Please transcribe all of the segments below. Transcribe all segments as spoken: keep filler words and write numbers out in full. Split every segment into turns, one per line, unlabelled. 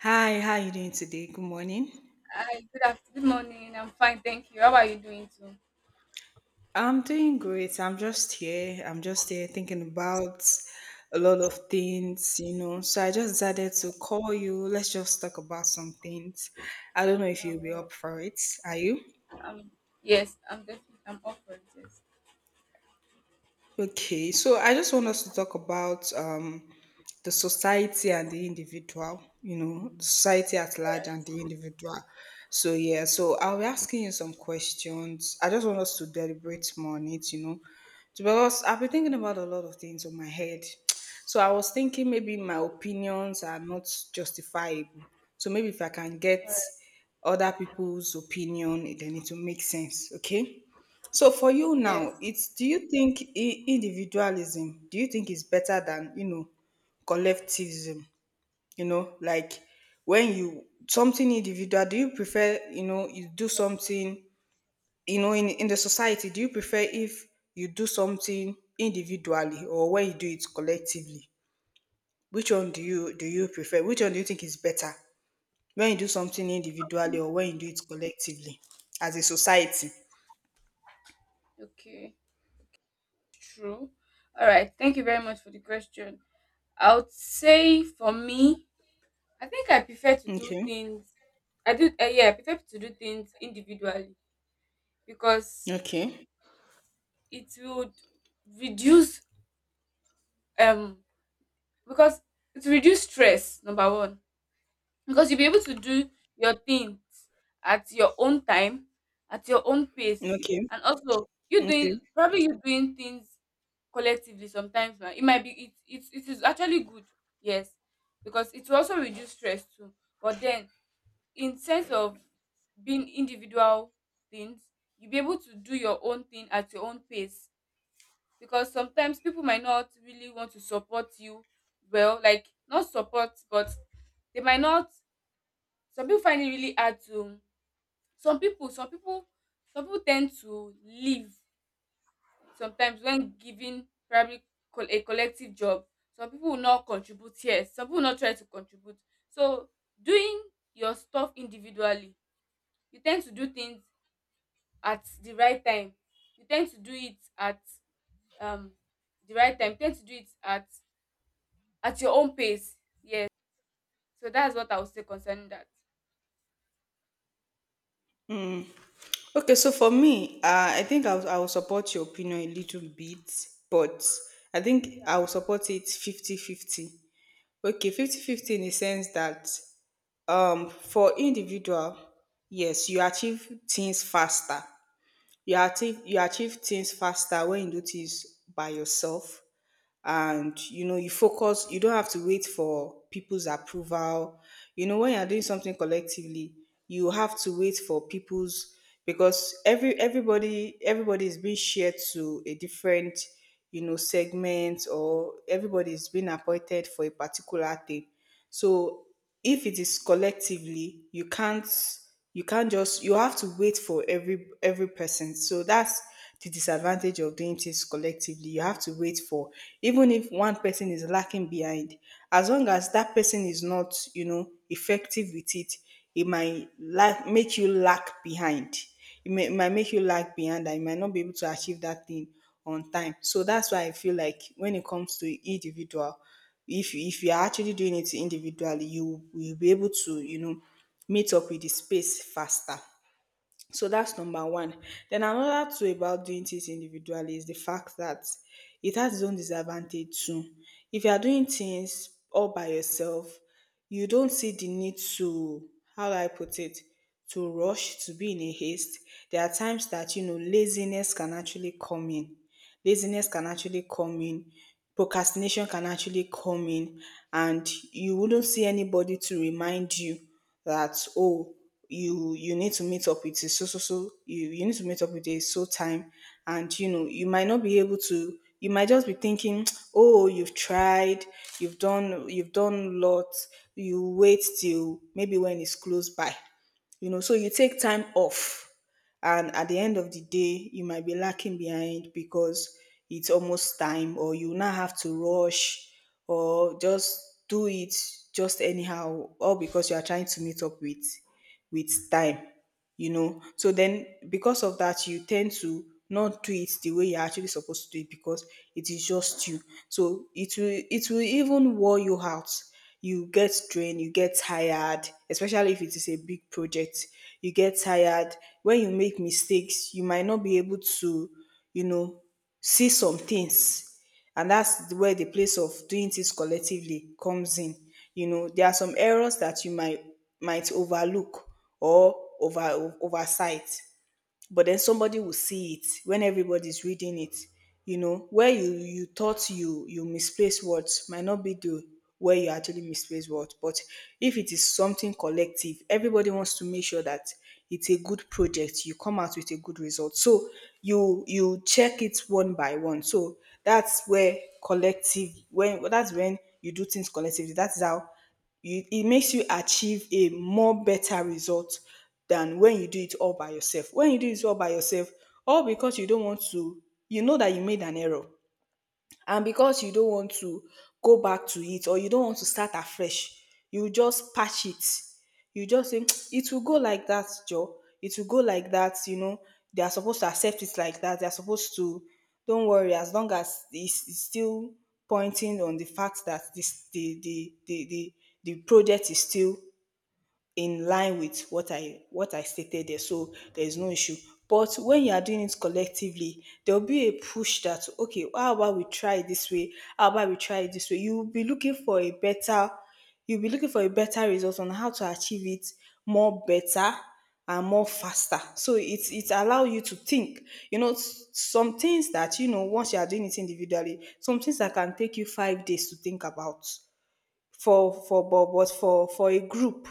Hi, how you doing today? Good morning.
Hi, good afternoon, good morning. I'm fine, thank you. How are you doing too?
I'm doing great. I'm just here. I'm just here thinking about a lot of things, you know. So I just decided to call you. Let's just talk about some things. I don't know if you'll be
Um,
up for it. Are you?
um, yes, I'm definitely I'm up for it. Yes.
Okay, so I just want us to talk about um, the society and the individual, you know, the society at large and
All
the
right.
individual. So, yeah, so I'll be asking you some questions. I just want us to deliberate more on it, you know, because I've been thinking
Okay.
about a lot of things on my head. So, I was thinking maybe my opinions are not justifiable. So, maybe if I can
All
get
right.
other people's opinion, then it will make sense, okay? So for you now,
Yes.
it's do you think i- individualism, do you think is better than, you know, collectivism? You know, like when you something individual, do you prefer, you know, you do something, you know, in, in the society, do you prefer if you do something individually or when you do it collectively? Which one do you do you prefer? Which one do you think is better? When you do something individually or when you do it collectively as a society?
Okay. True. All right. Thank you very much for the question. I would say for me, I think I prefer to do
Okay.
things. I do. Uh, yeah, I prefer to do things individually because
Okay.
it would reduce um because it will reduce stress. Number one, because you'll be able to do your things at your own time, at your own pace,
Okay.
and also you doing,
Okay.
probably you doing things collectively sometimes. Now, it might be it, it it is actually good, yes, because it will also reduce stress too. But then in sense of being individual things, you'll be able to do your own thing at your own pace, because sometimes people might not really want to support you well, like not support, but they might not. Some pipu find it really hard to, some pipu some pipu some pipu ten d to leave sometimes when given probably col a collective job. Some pipu will not contribute, yes, some pipu will not try to contribute. So doing your stuff individually, you ten d to do things at the right time. You ten d to do it at um the right time, you ten d to do it at at your own pace. So that's what I would say concerning that.
Okay, so for me, uh, I think I'll, I'll support your opinion a little bit, but I think I'll support it fifty fifty. Okay, fifty fifty in the sense that um, for individual, yes, you achieve things faster. You achieve, you achieve things faster when you do things by yourself and you know you focus you don't have to wait for people's approval you know when you're doing something collectively you have to wait for people's because every everybody everybody is being shared to a different you know segment or everybody is being appointed for a particular thing so if it is collectively, you can't you can't just you have to wait for every every person. So that's the disadvantage of doing things collectively. You have to wait for even if one person is lacking behind, as long as that person is not, you know, effective with it, it might lack, make you lack behind it may, it might make you lag behind and you might not be able to achieve that thing on time. So that's why I feel like when it comes to individual, if you- if you are actually doing it individually, you will be able to you know meet up with the space faster. So that's number one. Then another two about doing things individually is the fact that it has its own disadvantage too. If you are doing things all by yourself, you don't see the need to, how do I put it, to rush, to be in a haste. There are times that, you know, laziness can actually come in laziness can actually come in, procrastination can actually come in, and you wouldn't see anybody to remind you that oh you you need to meet up with a so so so you, you need to meet up with a so time and you know you might not be able to you might just be thinking oh you've tried you've done you've done lots you wait till maybe when it's close by you know so you take time off and at the end of the day, you might be lacking behind because it's almost time, or you now have to rush or just do it just anyhow, all because you are trying to meet up with with time you know. So then, because of that, you tend to not do it the way you're actually supposed to do it because it is just you. So it will it will even wore you out. You get drained, you get tired, especially if it is a big project. You get tired. When you make mistakes, you might not be able to, you know, see some things and that's where the place of doing things collectively comes in. You know, there are some errors that you might might overlook or over oversight but then somebody will see it when everybody's reading it you know where you you thought you you misplaced words might not be the where you actually misplace words but if it is something collective everybody wants to make sure that it's a good project you come out with a good result so you you check it one by one so that's where collective when that's when you do things collectively that's how you it makes you achieve a more better result than when you do it all by yourself. When you do it all by yourself, all because you don't want to, you know that you made an error and because you don't want to go back to it or you don't want to start afresh you just patch it you just say "Tsk, it will go like that joe it will go like that you know they are supposed to accept it like that they are supposed to don't worry as long as it's, it's still pointing on the fact that this the the the the, the project is still in line with what I what I stated there. So there's no issue. But when you are doing it collectively, there'll be a push that okay, how about we try it this way? How about we try it this way? You'll be looking for a better you'll be looking for a better result on how to achieve it more better and more faster. So it's it allow you to think. You know, s- some things that you know once you are doing it individually, some things that can take you five days to think about for for but, but for for a group,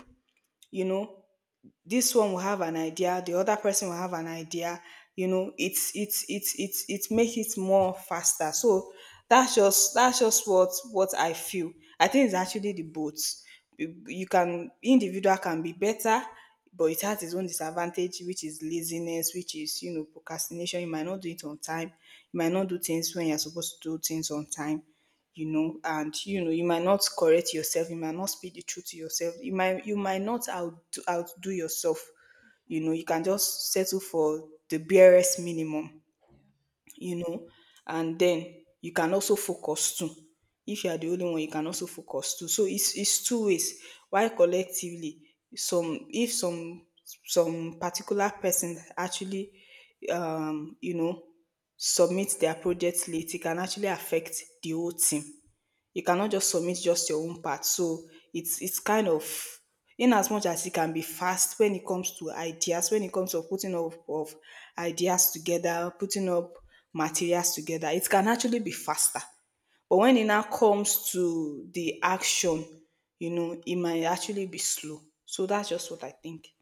you know, this one will have an idea the other person will have an idea you know it's it's it's it's it make it more faster so that's just that's just what what I feel I think it's actually the both you you can individual can be better but it has its own disadvantage which is laziness which is you know procrastination you might not do it on time you might not do things when you're supposed to do things on time you know and you know you might not correct yourself you might not speak the truth to yourself you might you might not out outdo yourself you know you can just settle for the barest minimum you know and then you can also focus too if you are the only one you can also focus too so it's it's two ways. Why collectively some if some some particular person actually um you know submit their project late, it can actually affect the whole team. You cannot just submit just your own part. So it's it's kind of in as much as it can be fast when it comes to ideas, when it comes to putting up of ideas together, putting up materials together, it can actually be faster. But when it now comes to the action, you know, it might actually be slow. So that's just what I think.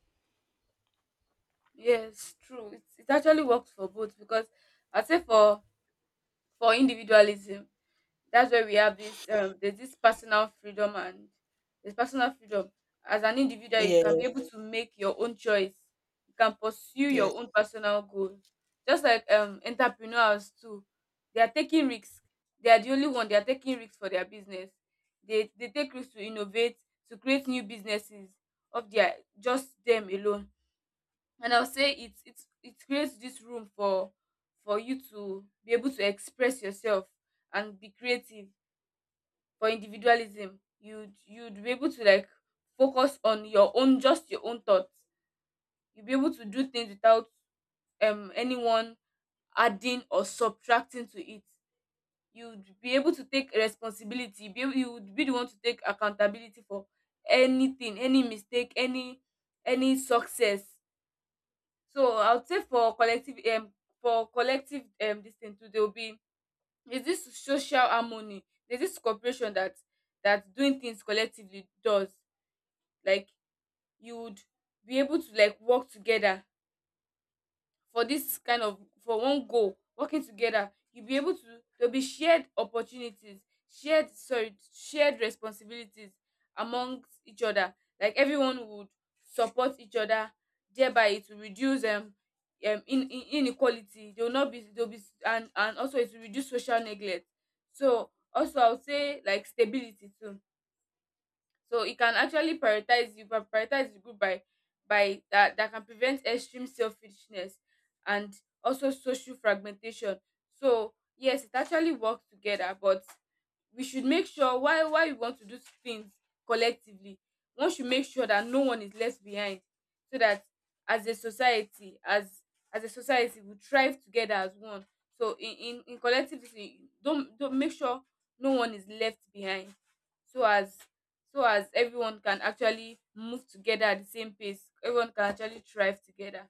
Yes, true. It it actually works for both because I would say for for individualism. That's where we have this um, there's this personal freedom, and there's personal freedom. As an individual, you
Yeah.
can be able to make your own choice. You can pursue
Yes.
your own personal goals. Just like um, entrepreneurs too, they are taking risks. They are the only one. They are taking risks for their business. They they take risks to innovate, to create new businesses of their, just them alone. And I'll say it it it creates this room for for you to be able to express yourself and be creative. For individualism, you'd you'd be able to like focus on your own, just your own thoughts. You'll be able to do things without um anyone adding or subtracting to it. You'd be able to take responsibility, be able, you would be the one to take accountability for anything, any mistake, any any success. So I would say for collective, um for collective um this thing too, there will be, there's this social harmony, there's this cooperation that that doing things collectively does. Like you would be able to like work together for this kind of, for one goal. Working together, you'll be able to, there'll be shared opportunities, shared sorry shared responsibilities amongst each other. Like everyone would support each other, thereby it will reduce um, um in, in inequality. They will not be, they'll be, and and also it will reduce social neglect. So also I would say like stability too. So it can actually prioritize, you can prioritize the group by by that, that can prevent extreme selfishness and also social fragmentation. So yes, it actually works together, but we should make sure why why we want to do things collectively. One should make sure that no one is left behind, so that as a society as as a society, we thrive together as one. So in in, in collectivity, don't don't make sure no one is left behind, so as so as everyone can actually move together at the same pace, everyone can actually thrive together.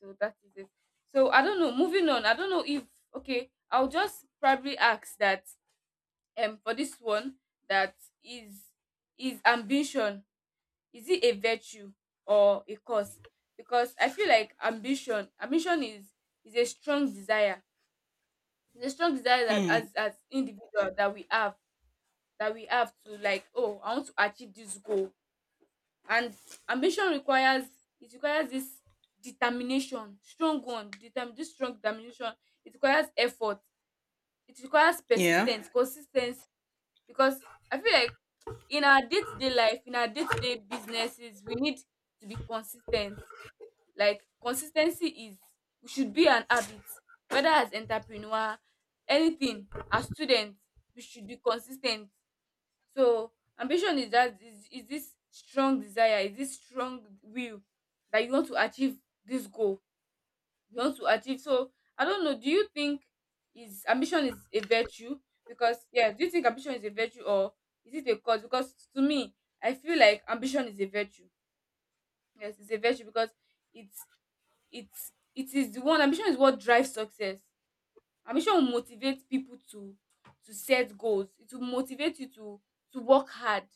So that is it. So I don't know, moving on, I don't know if, okay, I'll just probably ask that. Um for this one, that is is ambition, is it a virtue or a curse? Because I feel like ambition ambition is is a strong desire. It's a strong desire that as as individual that we have, that we have to like, oh, I want to achieve this goal. And ambition requires, it requires this determination, strong one, determine, this strong determination. It requires effort, it requires
Yeah.
persistence, consistency. Because I feel like in our day-to-day life, in our day-to-day businesses, we need to be consistent. Like consistency is, we should be an habit, whether as entrepreneur, anything, as students, we should be consistent. So ambition is that, is, is this strong desire, is this strong will that you want to achieve this goal. You want to achieve. So I don't know. Do you think is ambition is a virtue? Because yeah, do you think ambition is a virtue or is it a cause? Because to me, I feel like ambition is a virtue. Yes, it's a virtue because it's it's it is the one, ambition is what drives success. Ambition will motivate people to to set goals. It will motivate you to to work hard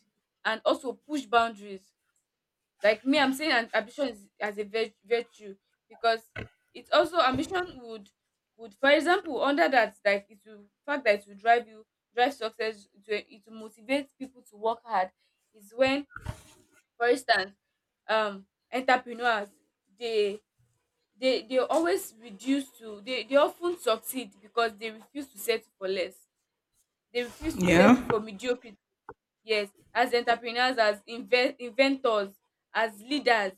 and also push boundaries. Like me, I'm saying an ambition is, as a vir- virtue because it's also ambition would would for example under that, like it will fact that it will drive you, drive success to, it will motivate people to work hard, is when for instance, um entrepreneurs, they they they always reduce to, they they often succeed because they refuse to settle for less. They refuse to settle
Yeah.
for mediocrity. Yes, as entrepreneurs, as inve- inventors, as leaders,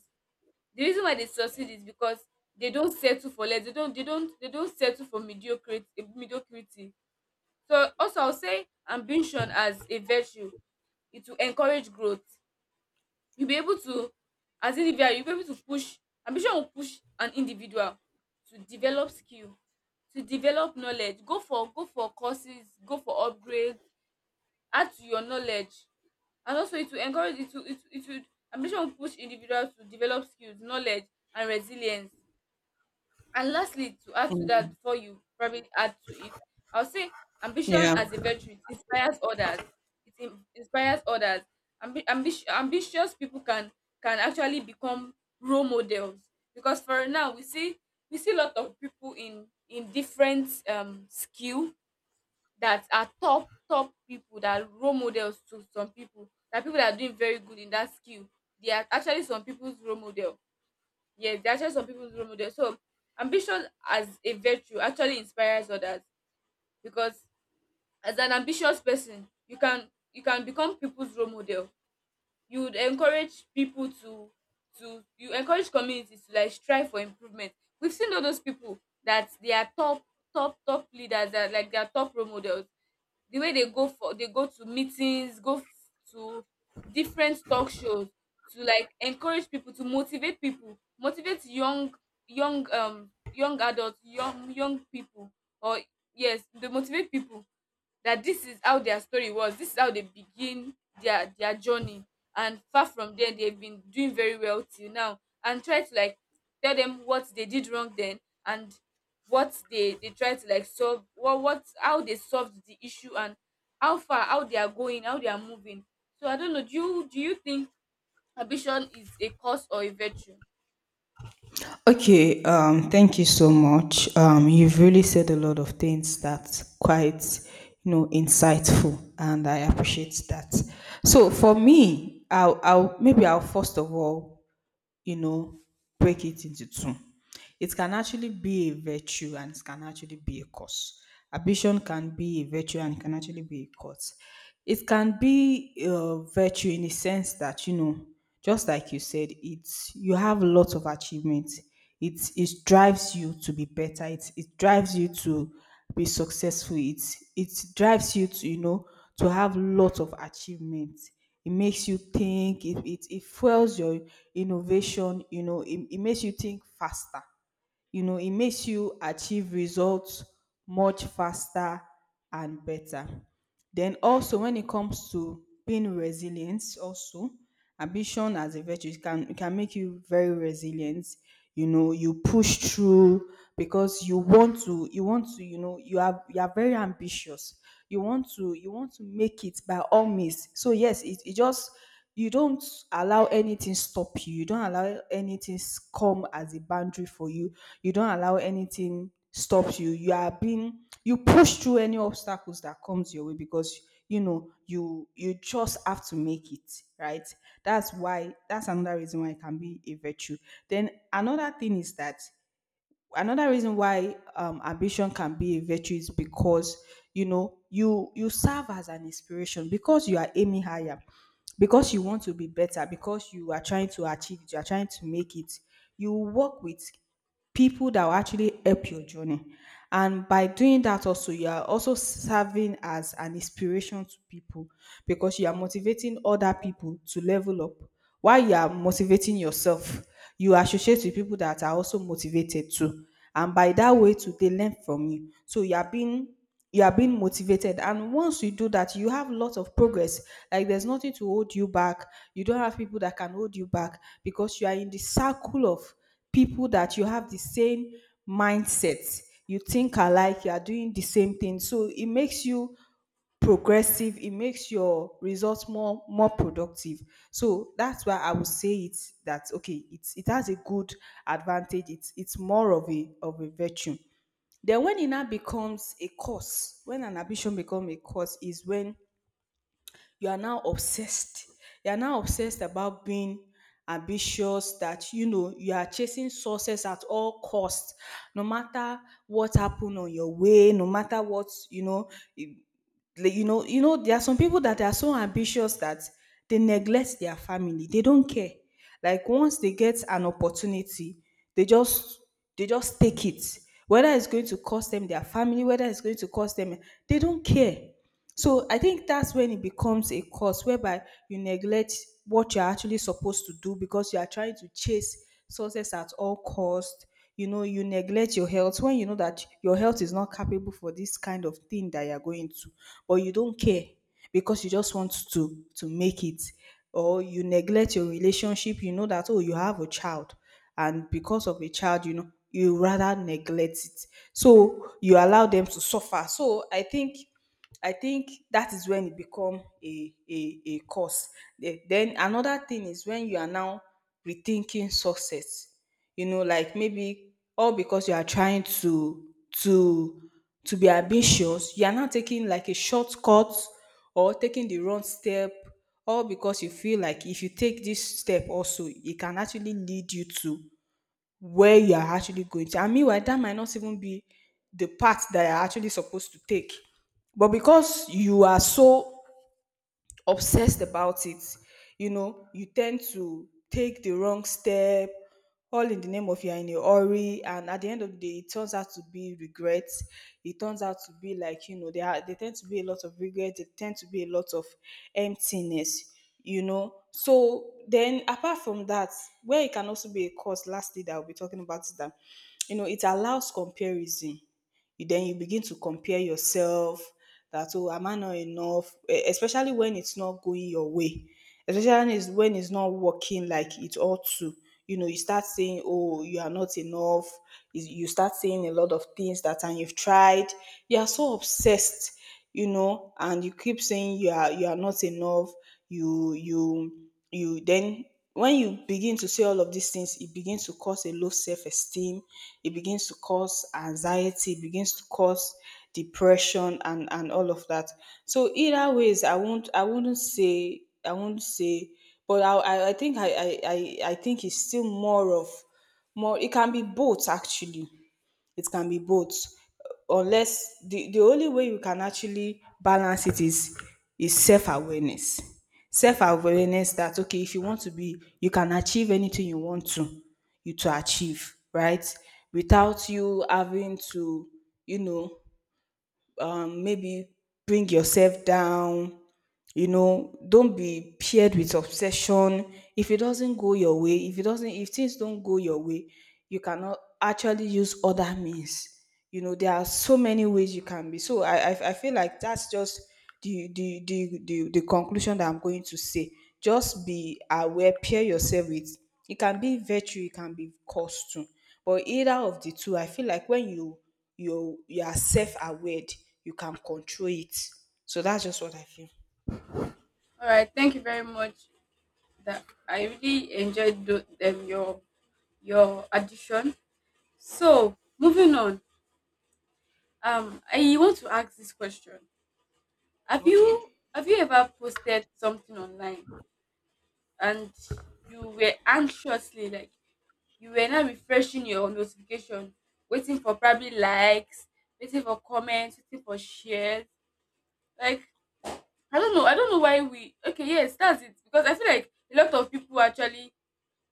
the reason why they succeed is because they don't settle for less. They don't they don't they don't settle for mediocre mediocrity. So also I'll say ambition as a virtue. It will encourage growth. You'll be able to, as individual, you'll be able to push, ambition will push an individual to develop skill, to develop knowledge, go for go for courses, go for upgrades, add to your knowledge. And also it will encourage, it will it, will- it will, ambition will push individuals to develop skills, knowledge and resilience. And lastly, to add to that,
Mm.
before you probably add to it, I'll say ambition
Yeah.
as a virtue, it inspires others. It in- inspires others. Ambi- ambi- ambitious people can can actually become role models, because for now we see, we see a lot of people in in different um skill that are top, top people that are role models to some people, that people that are doing very good in that skill, they are actually some people's role model. Yes, there are actually some people's role model. So ambition as a virtue actually inspires others, because as an ambitious person, you can you can become people's role model. You would encourage people to to you encourage communities to like strive for improvement. We've seen all those people that they are top, top top leaders, that like they are top role models, the way they go for, they go to meetings, go f- to different talk shows, to like encourage people, to motivate people, motivate young, young um young adults, young young people, or yes, they motivate people, that this is how their story was, this is how they begin their their journey. And far from there, they've been doing very well till now, and try to like tell them what they did wrong then, and what they they try to like solve what what how they solved the issue, and how far, how they are going, how they are moving. So I don't know, do you do you think ambition is a cause or a virtue?
Okay, um, thank you so much. Um, you've really said a lot of things that's quite, you know, insightful, and I appreciate that. So for me, I'll, I'll maybe I'll first of all, you know, break it into two. It can actually be a virtue, and it can actually be a curse. Ambition can be a virtue, and it can actually be a curse. It can be a virtue in the sense that you know, just like you said, it's you have lots of achievements it it drives you to be better. It it drives you to be successful. It it drives you to you know to have lot of achievements. It makes you think. It it, it fuels your innovation. You know, it, it makes you think faster you know, it makes you achieve results much faster and better. Then also when it comes to being resilient, also ambition as a virtue it can it can make you very resilient. You know, you push through because you want to. You want to. You know, you are you are very ambitious. You want to. You want to make it by all means. So yes, it, it just you don't allow anything stop you. You don't allow anything s- come as a boundary for you. You don't allow anything stop you. You are being you push through any obstacles that comes your way because you know you you just have to make it right. That's why that's another reason why it can be a virtue. Then another thing is that another reason why um, ambition can be a virtue is because you know you you serve as an inspiration because you are aiming higher, because you want to be better, because you are trying to achieve it, you are trying to make it, you work with people that will actually help your journey. And by doing that, also, you are also serving as an inspiration to people because you are motivating other people to level up. While you are motivating yourself, you associate with people that are also motivated too. And by that way, too, they learn from you. So you are being you are being motivated, and once you do that you have lots of progress. Like there's nothing to hold you back, you don't have people that can hold you back, because you are in the circle of people that you have the same mindset, you think alike, you are doing the same thing. So it makes you progressive, it makes your results more more productive. So that's why I would say it's that okay, it's it has a good advantage, it's it's more of a of a virtue. Then when it now becomes a cause, when an ambition becomes a cause is when you are now obsessed, you are now obsessed about being ambitious, that you know you are chasing success at all costs, no matter what happened on your way, no matter what, you know, you like, you know, you know there are some people that are so ambitious that they neglect their family, they don't care. Like once they get an opportunity, they just they just take it, whether it's going to cost them their family, whether it's going to cost them, they don't care. So I think that's when it becomes a cause, whereby you neglect what you're actually supposed to do because you are trying to chase success at all cost. You know, you neglect your health when you know that your health is not capable for this kind of thing that you're going to, but you don't care because you just want to to make it. Or you neglect your relationship, you know that, oh, you have a child, and because of a child, you know, you rather neglect it. So you allow them to suffer. So I think I think that is when it become a a a cause. The- Then another thing is when you are now rethinking success. You know, like maybe all because you are trying to to to be ambitious, you are now taking like a shortcut or taking the wrong step, all because you feel like if you take this step also, it can actually lead you to where you're actually going to. And meanwhile, that might not even be the path that you're actually supposed to take. But because you are so obsessed about it, you know, you tend to take the wrong step, all in the name of you're in a hurry, and at the end of the day it turns out to be regrets. It turns out to be, like, you know, there are, they tend to be a lot of regrets, they tend to be a lot of emptiness, you know. So then apart from that, where it can also be a cause, lastly, that I'll be talking about, is that you know it allows comparison. You then, you begin to compare yourself that, oh, am I not enough? E- Especially when it's not going your way, especially is when it's not working like it ought to. You know, you start saying, "Oh, you are not enough." Is- You start saying a lot of things that, and you've tried. You are so obsessed, you know, and you keep saying you are, you are not enough. You you you then when you begin to see all of these things, it begins to cause a low self esteem, it begins to cause anxiety, it begins to cause depression and, and all of that. So either ways I won't I wouldn't say I won't say, but I I, I think I, I I I think it's still more of, more, it can be both actually, it can be both. Unless the, the only way you can actually balance it is is self-awareness. Self-awareness that okay, if you want to be, you can achieve anything you want to, you to achieve, right, without you having to, you know, um, maybe bring yourself down, you know, don't be paired with obsession. If it doesn't go your way, if it doesn't, if things don't go your way, you cannot actually use other means, you know, there are so many ways you can be. So i i, I feel like that's just the the, the the the conclusion that I'm going to say: just be aware, pair yourself with, it can be virtue, it can be cost too, but either of the two, I feel like when you you you are self-aware, you can control it. So that's just what I feel.
All right, thank you very much. That, I really enjoyed tho- um, your your addition. So moving on, um, I want to ask this question. Have
Okay.
you, have you ever posted something online, and you were anxiously like, you were now refreshing your notification, waiting for probably likes, waiting for comments, waiting for shares. Like, I don't know, I don't know why we, okay, yes, that's it. Because I feel like a lot of people actually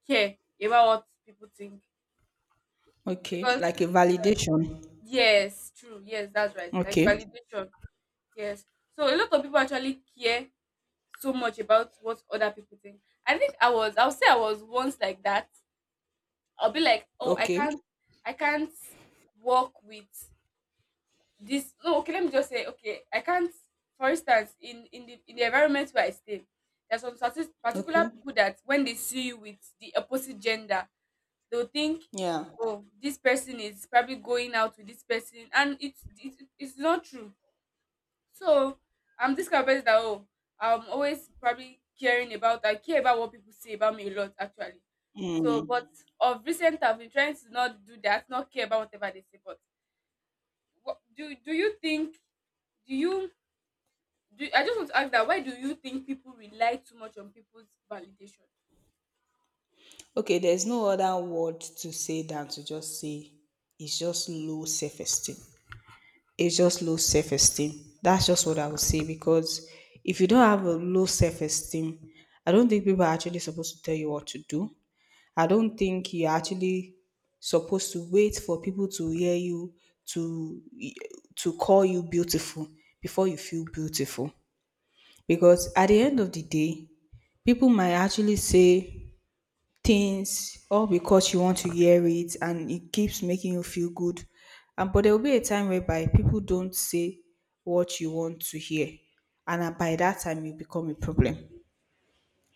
care about what people think.
Okay.
Because
Like a validation.
yes, true, yes, that's right. Like
Okay.
validation. Yes. So a lot of people actually care so much about what other people think. I think I was, I'll say I was once like that. I'll be like, oh I
Okay.
can't, I can't work with this, no, okay, let me just say, okay, I can't. For instance, in, in the in the environment where I stay, there's some certain particular
Okay.
people that when they see you with the opposite gender, they'll think,
Yeah.
oh this person is probably going out with this person, and it's it's, it's not true. So I'm this kind of person that, oh, I'm always probably caring about, I care about what people say about me a lot actually. So, but
Mm.
of recent, I've been trying to not do that, not care about whatever they say. But what, do do you think? Do you do? I just want to ask that. Why do you think people rely too much on people's validation?
Okay. There's no other word to say than to just say it's just low self esteem. It's just low self esteem. That's just what I would say, because if you don't have a low self esteem, I don't think people are actually supposed to tell you what to do. I don't think you're actually supposed to wait for people to hear you to to call you beautiful before you feel beautiful. Because at the end of the day, people might actually say things all because you want to hear it and it keeps making you feel good. And but there will be a time whereby people don't say what you want to hear. And uh, by that time you become a problem,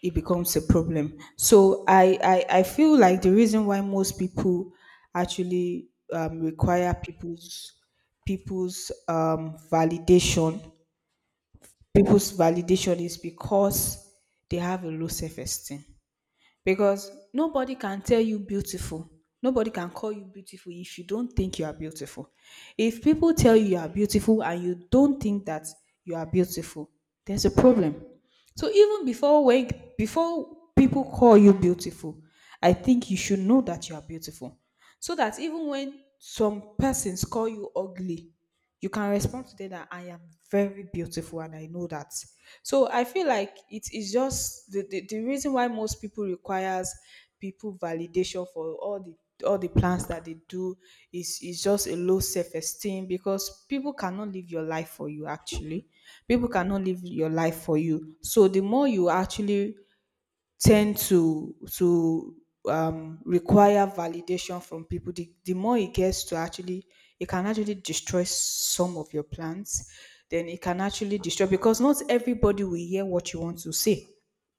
it becomes a problem. So I, I, I feel like the reason why most people actually um, require people's people's um, validation, people's validation is because they have a low self-esteem, because nobody can tell you beautiful, nobody can call you beautiful if you don't think you are beautiful. If people tell you you are beautiful and you don't think that you are beautiful, there's a problem. So even before when, before people call you beautiful, I think you should know that you are beautiful, so that even when some persons call you ugly, you can respond to them that I am very beautiful and I know that. So I feel like it is just the, the, the reason why most people requires people validation for all the all the plans that they do is is just a low self-esteem, because people cannot live your life for you actually. People cannot live your life for you. So the more you actually tend to to um, require validation from people, the, the more it gets to actually, it can actually destroy some of your plans. Then it can actually destroy, because not everybody will hear what you want to say.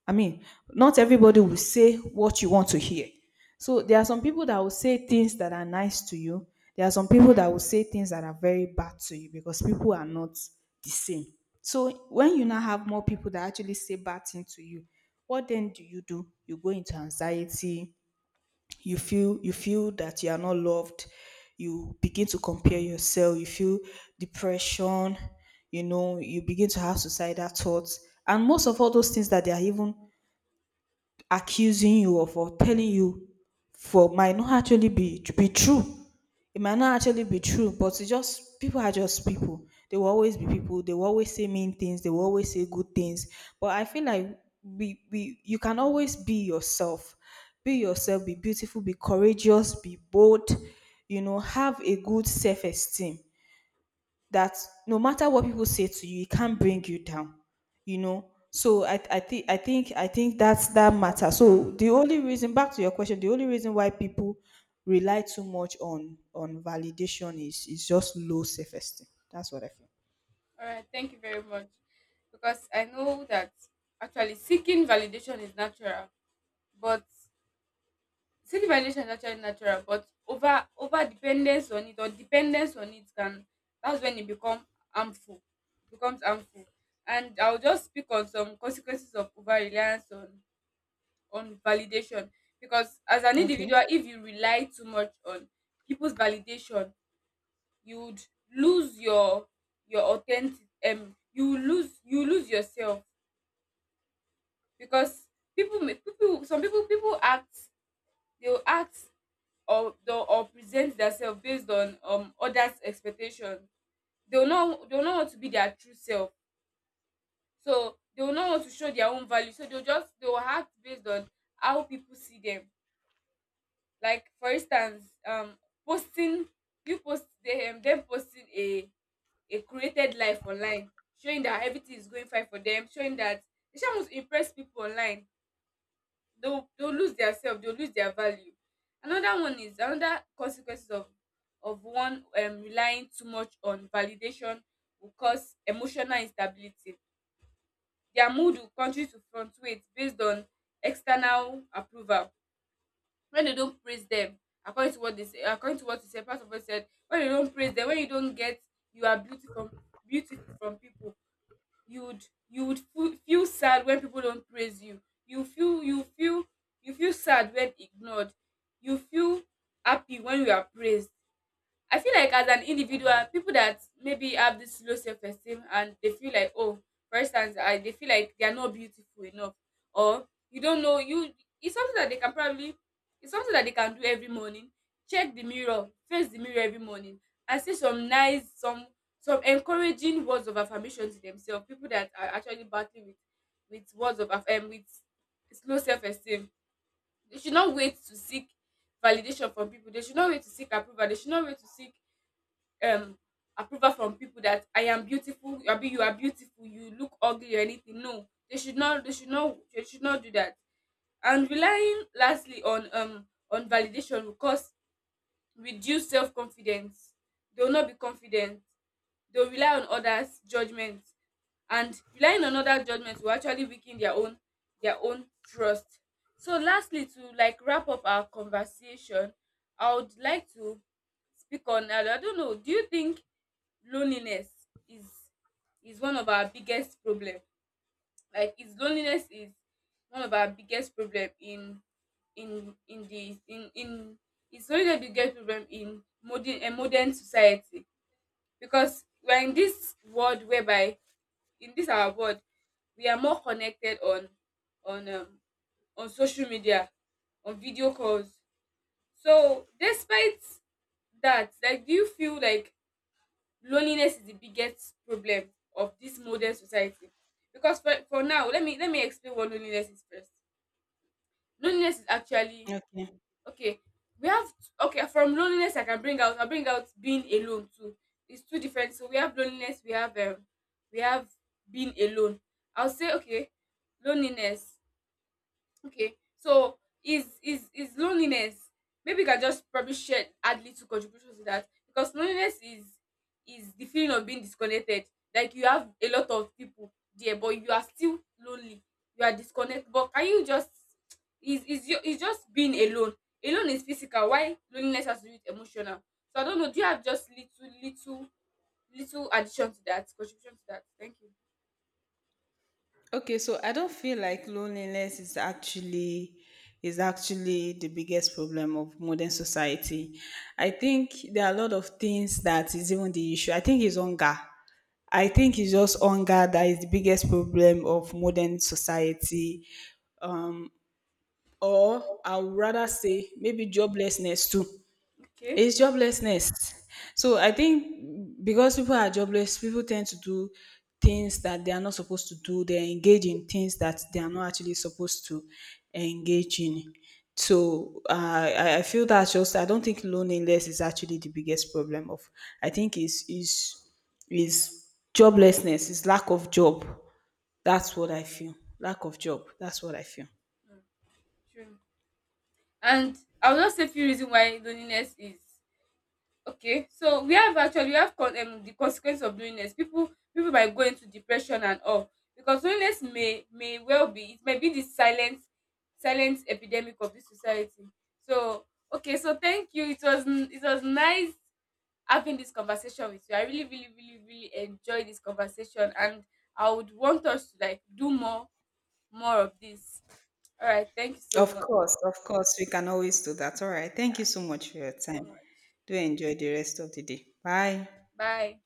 I mean, not everybody will say what you want to hear. So
True.
there are some people that will say things that are nice to you. There are some people that will say things that are very bad to you, because people are not the same. So when you now have more people that actually say bad things to you, what then do you do? You go into anxiety. You feel you feel that you are not loved. You begin to compare yourself. You feel depression. You know, you begin to have suicidal thoughts, and most of all those things that they are even accusing you or for telling you for might not actually be be true. It might not actually be true, but it's just people are just people. They will always be people. They will always say mean things. They will always say good things. But I feel like we we you can always be yourself. Be yourself. Be beautiful. Be courageous. Be bold. You know, have a good self esteem that no matter what people say to you, it can't bring you down. You know. So I I think I think I think that's that matter. So the only reason, back to your question, the only reason why people rely too much on on validation is is just low self esteem. That's what I feel.
All right, thank you very much. Because I know that actually seeking validation is natural, but self evaluation is actually natural, but over over dependence on it or dependence on it can that's when it become harmful. It becomes harmful. And I'll just speak on some consequences of over reliance on on validation. Because as an
Okay.
individual, if you rely too much on people's validation, you would lose your your authentic um you lose you lose yourself because people may- people, some people people act, they will act or the- or present themselves based on um others expectation. They will not they will not want to be their true self, so they will not want to show their own value, so they will just they will act based on how people see them. Like, for instance, um posting, you post them them posting a a created life online, showing that everything is going fine for them, showing that they just want to impress people online. They'll they'll lose their self, they'll lose their value. Another one is, another consequences of of one um relying too much on validation will cause emotional instability. Their mood will continue to fluctuate based on external approval. When they don't praise them, according to what they say, according to what you said, Pastor Boy said, when you don't praise them, when you don't get "you are beautiful, beautiful" from people, you would you would feel, feel sad when people don't praise you. You feel you feel you feel sad when ignored. You feel happy when you are praised. I feel like, as an individual, people that maybe have this low self esteem and they feel like, oh, for instance, I, they feel like they are not beautiful enough, or you don't know you. It's something that they can probably, it's something that they can do every morning. Check the mirror, face the mirror every morning, and say some nice, some some encouraging words of affirmation to themselves. People that are actually battling with with words of aff- um, with low self esteem, they should not wait to seek validation from people. They should not wait to seek approval. They should not wait to seek um approval from people that "I am beautiful, abi you are beautiful, you look ugly" or anything. No, they should not they should not they should not do that. And relying lastly on um on validation will cause reduce self confidence. They will not be confident. They will rely on others' judgment, and relying on other judgments will actually weaken their own their own trust. So lastly, to like wrap up our conversation, I would like to speak on, I don't know, do you think loneliness is is one of our biggest problem like Is loneliness is one of our biggest problem in in in the in in it's only the biggest problem in modern, a modern society, because we're in this world whereby, in this our world, we are more connected on on um, on social media, on video calls. So despite that, like, do you feel like loneliness is the biggest problem of this modern society? Because for, for now, let me let me explain what loneliness is first. Loneliness is actually,
Okay.
okay, we have t- okay, from loneliness, I can bring out, I bring out being alone too. It's two different. So we have loneliness, we have um we have being alone. I'll say okay. Loneliness. Okay. So is is is loneliness. Maybe you can just probably share, add little contributions to that, because loneliness is is the feeling of being disconnected. Like, you have a lot of people there, but you are still lonely. You are disconnected. But can you just, is is you is just being alone? Alone is physical. Why loneliness has to do with emotional? So I don't know, do you have just little little little addition to that, contribution to that? Thank you.
Okay, so I don't feel like loneliness is actually is actually the biggest problem of modern society. I think there are a lot of things that is even the issue. I think it's hunger. I
Mm.
think it's just hunger that is the biggest problem of modern society. Or I would rather say maybe joblessness too.
Okay.
It's joblessness. So I think because people are jobless, people tend to do things that they are not supposed to do. They engage in things that they are not actually supposed to engage in. So uh, I I feel that's just I don't think loneliness is actually the biggest problem of, I think is is is joblessness, is lack of job. That's what I feel. Lack of job. That's what I feel.
Sure. And I'll just say few reasons why loneliness is. Okay, so we have, actually, we have con um the consequence of loneliness. People people might go into depression and all, because loneliness may may well be, it may be the silent silent epidemic of this society. So okay, so thank you. It was n- it was nice having this conversation with you. I really really really really enjoyed this conversation, and I would want us to like do more more of this. All right, thank you so
Of
much.
course, of course, we can always do that. All right. Thank you so much for
Thank
your
you so
time.
much.
Do enjoy the rest of the day. Bye.
Bye.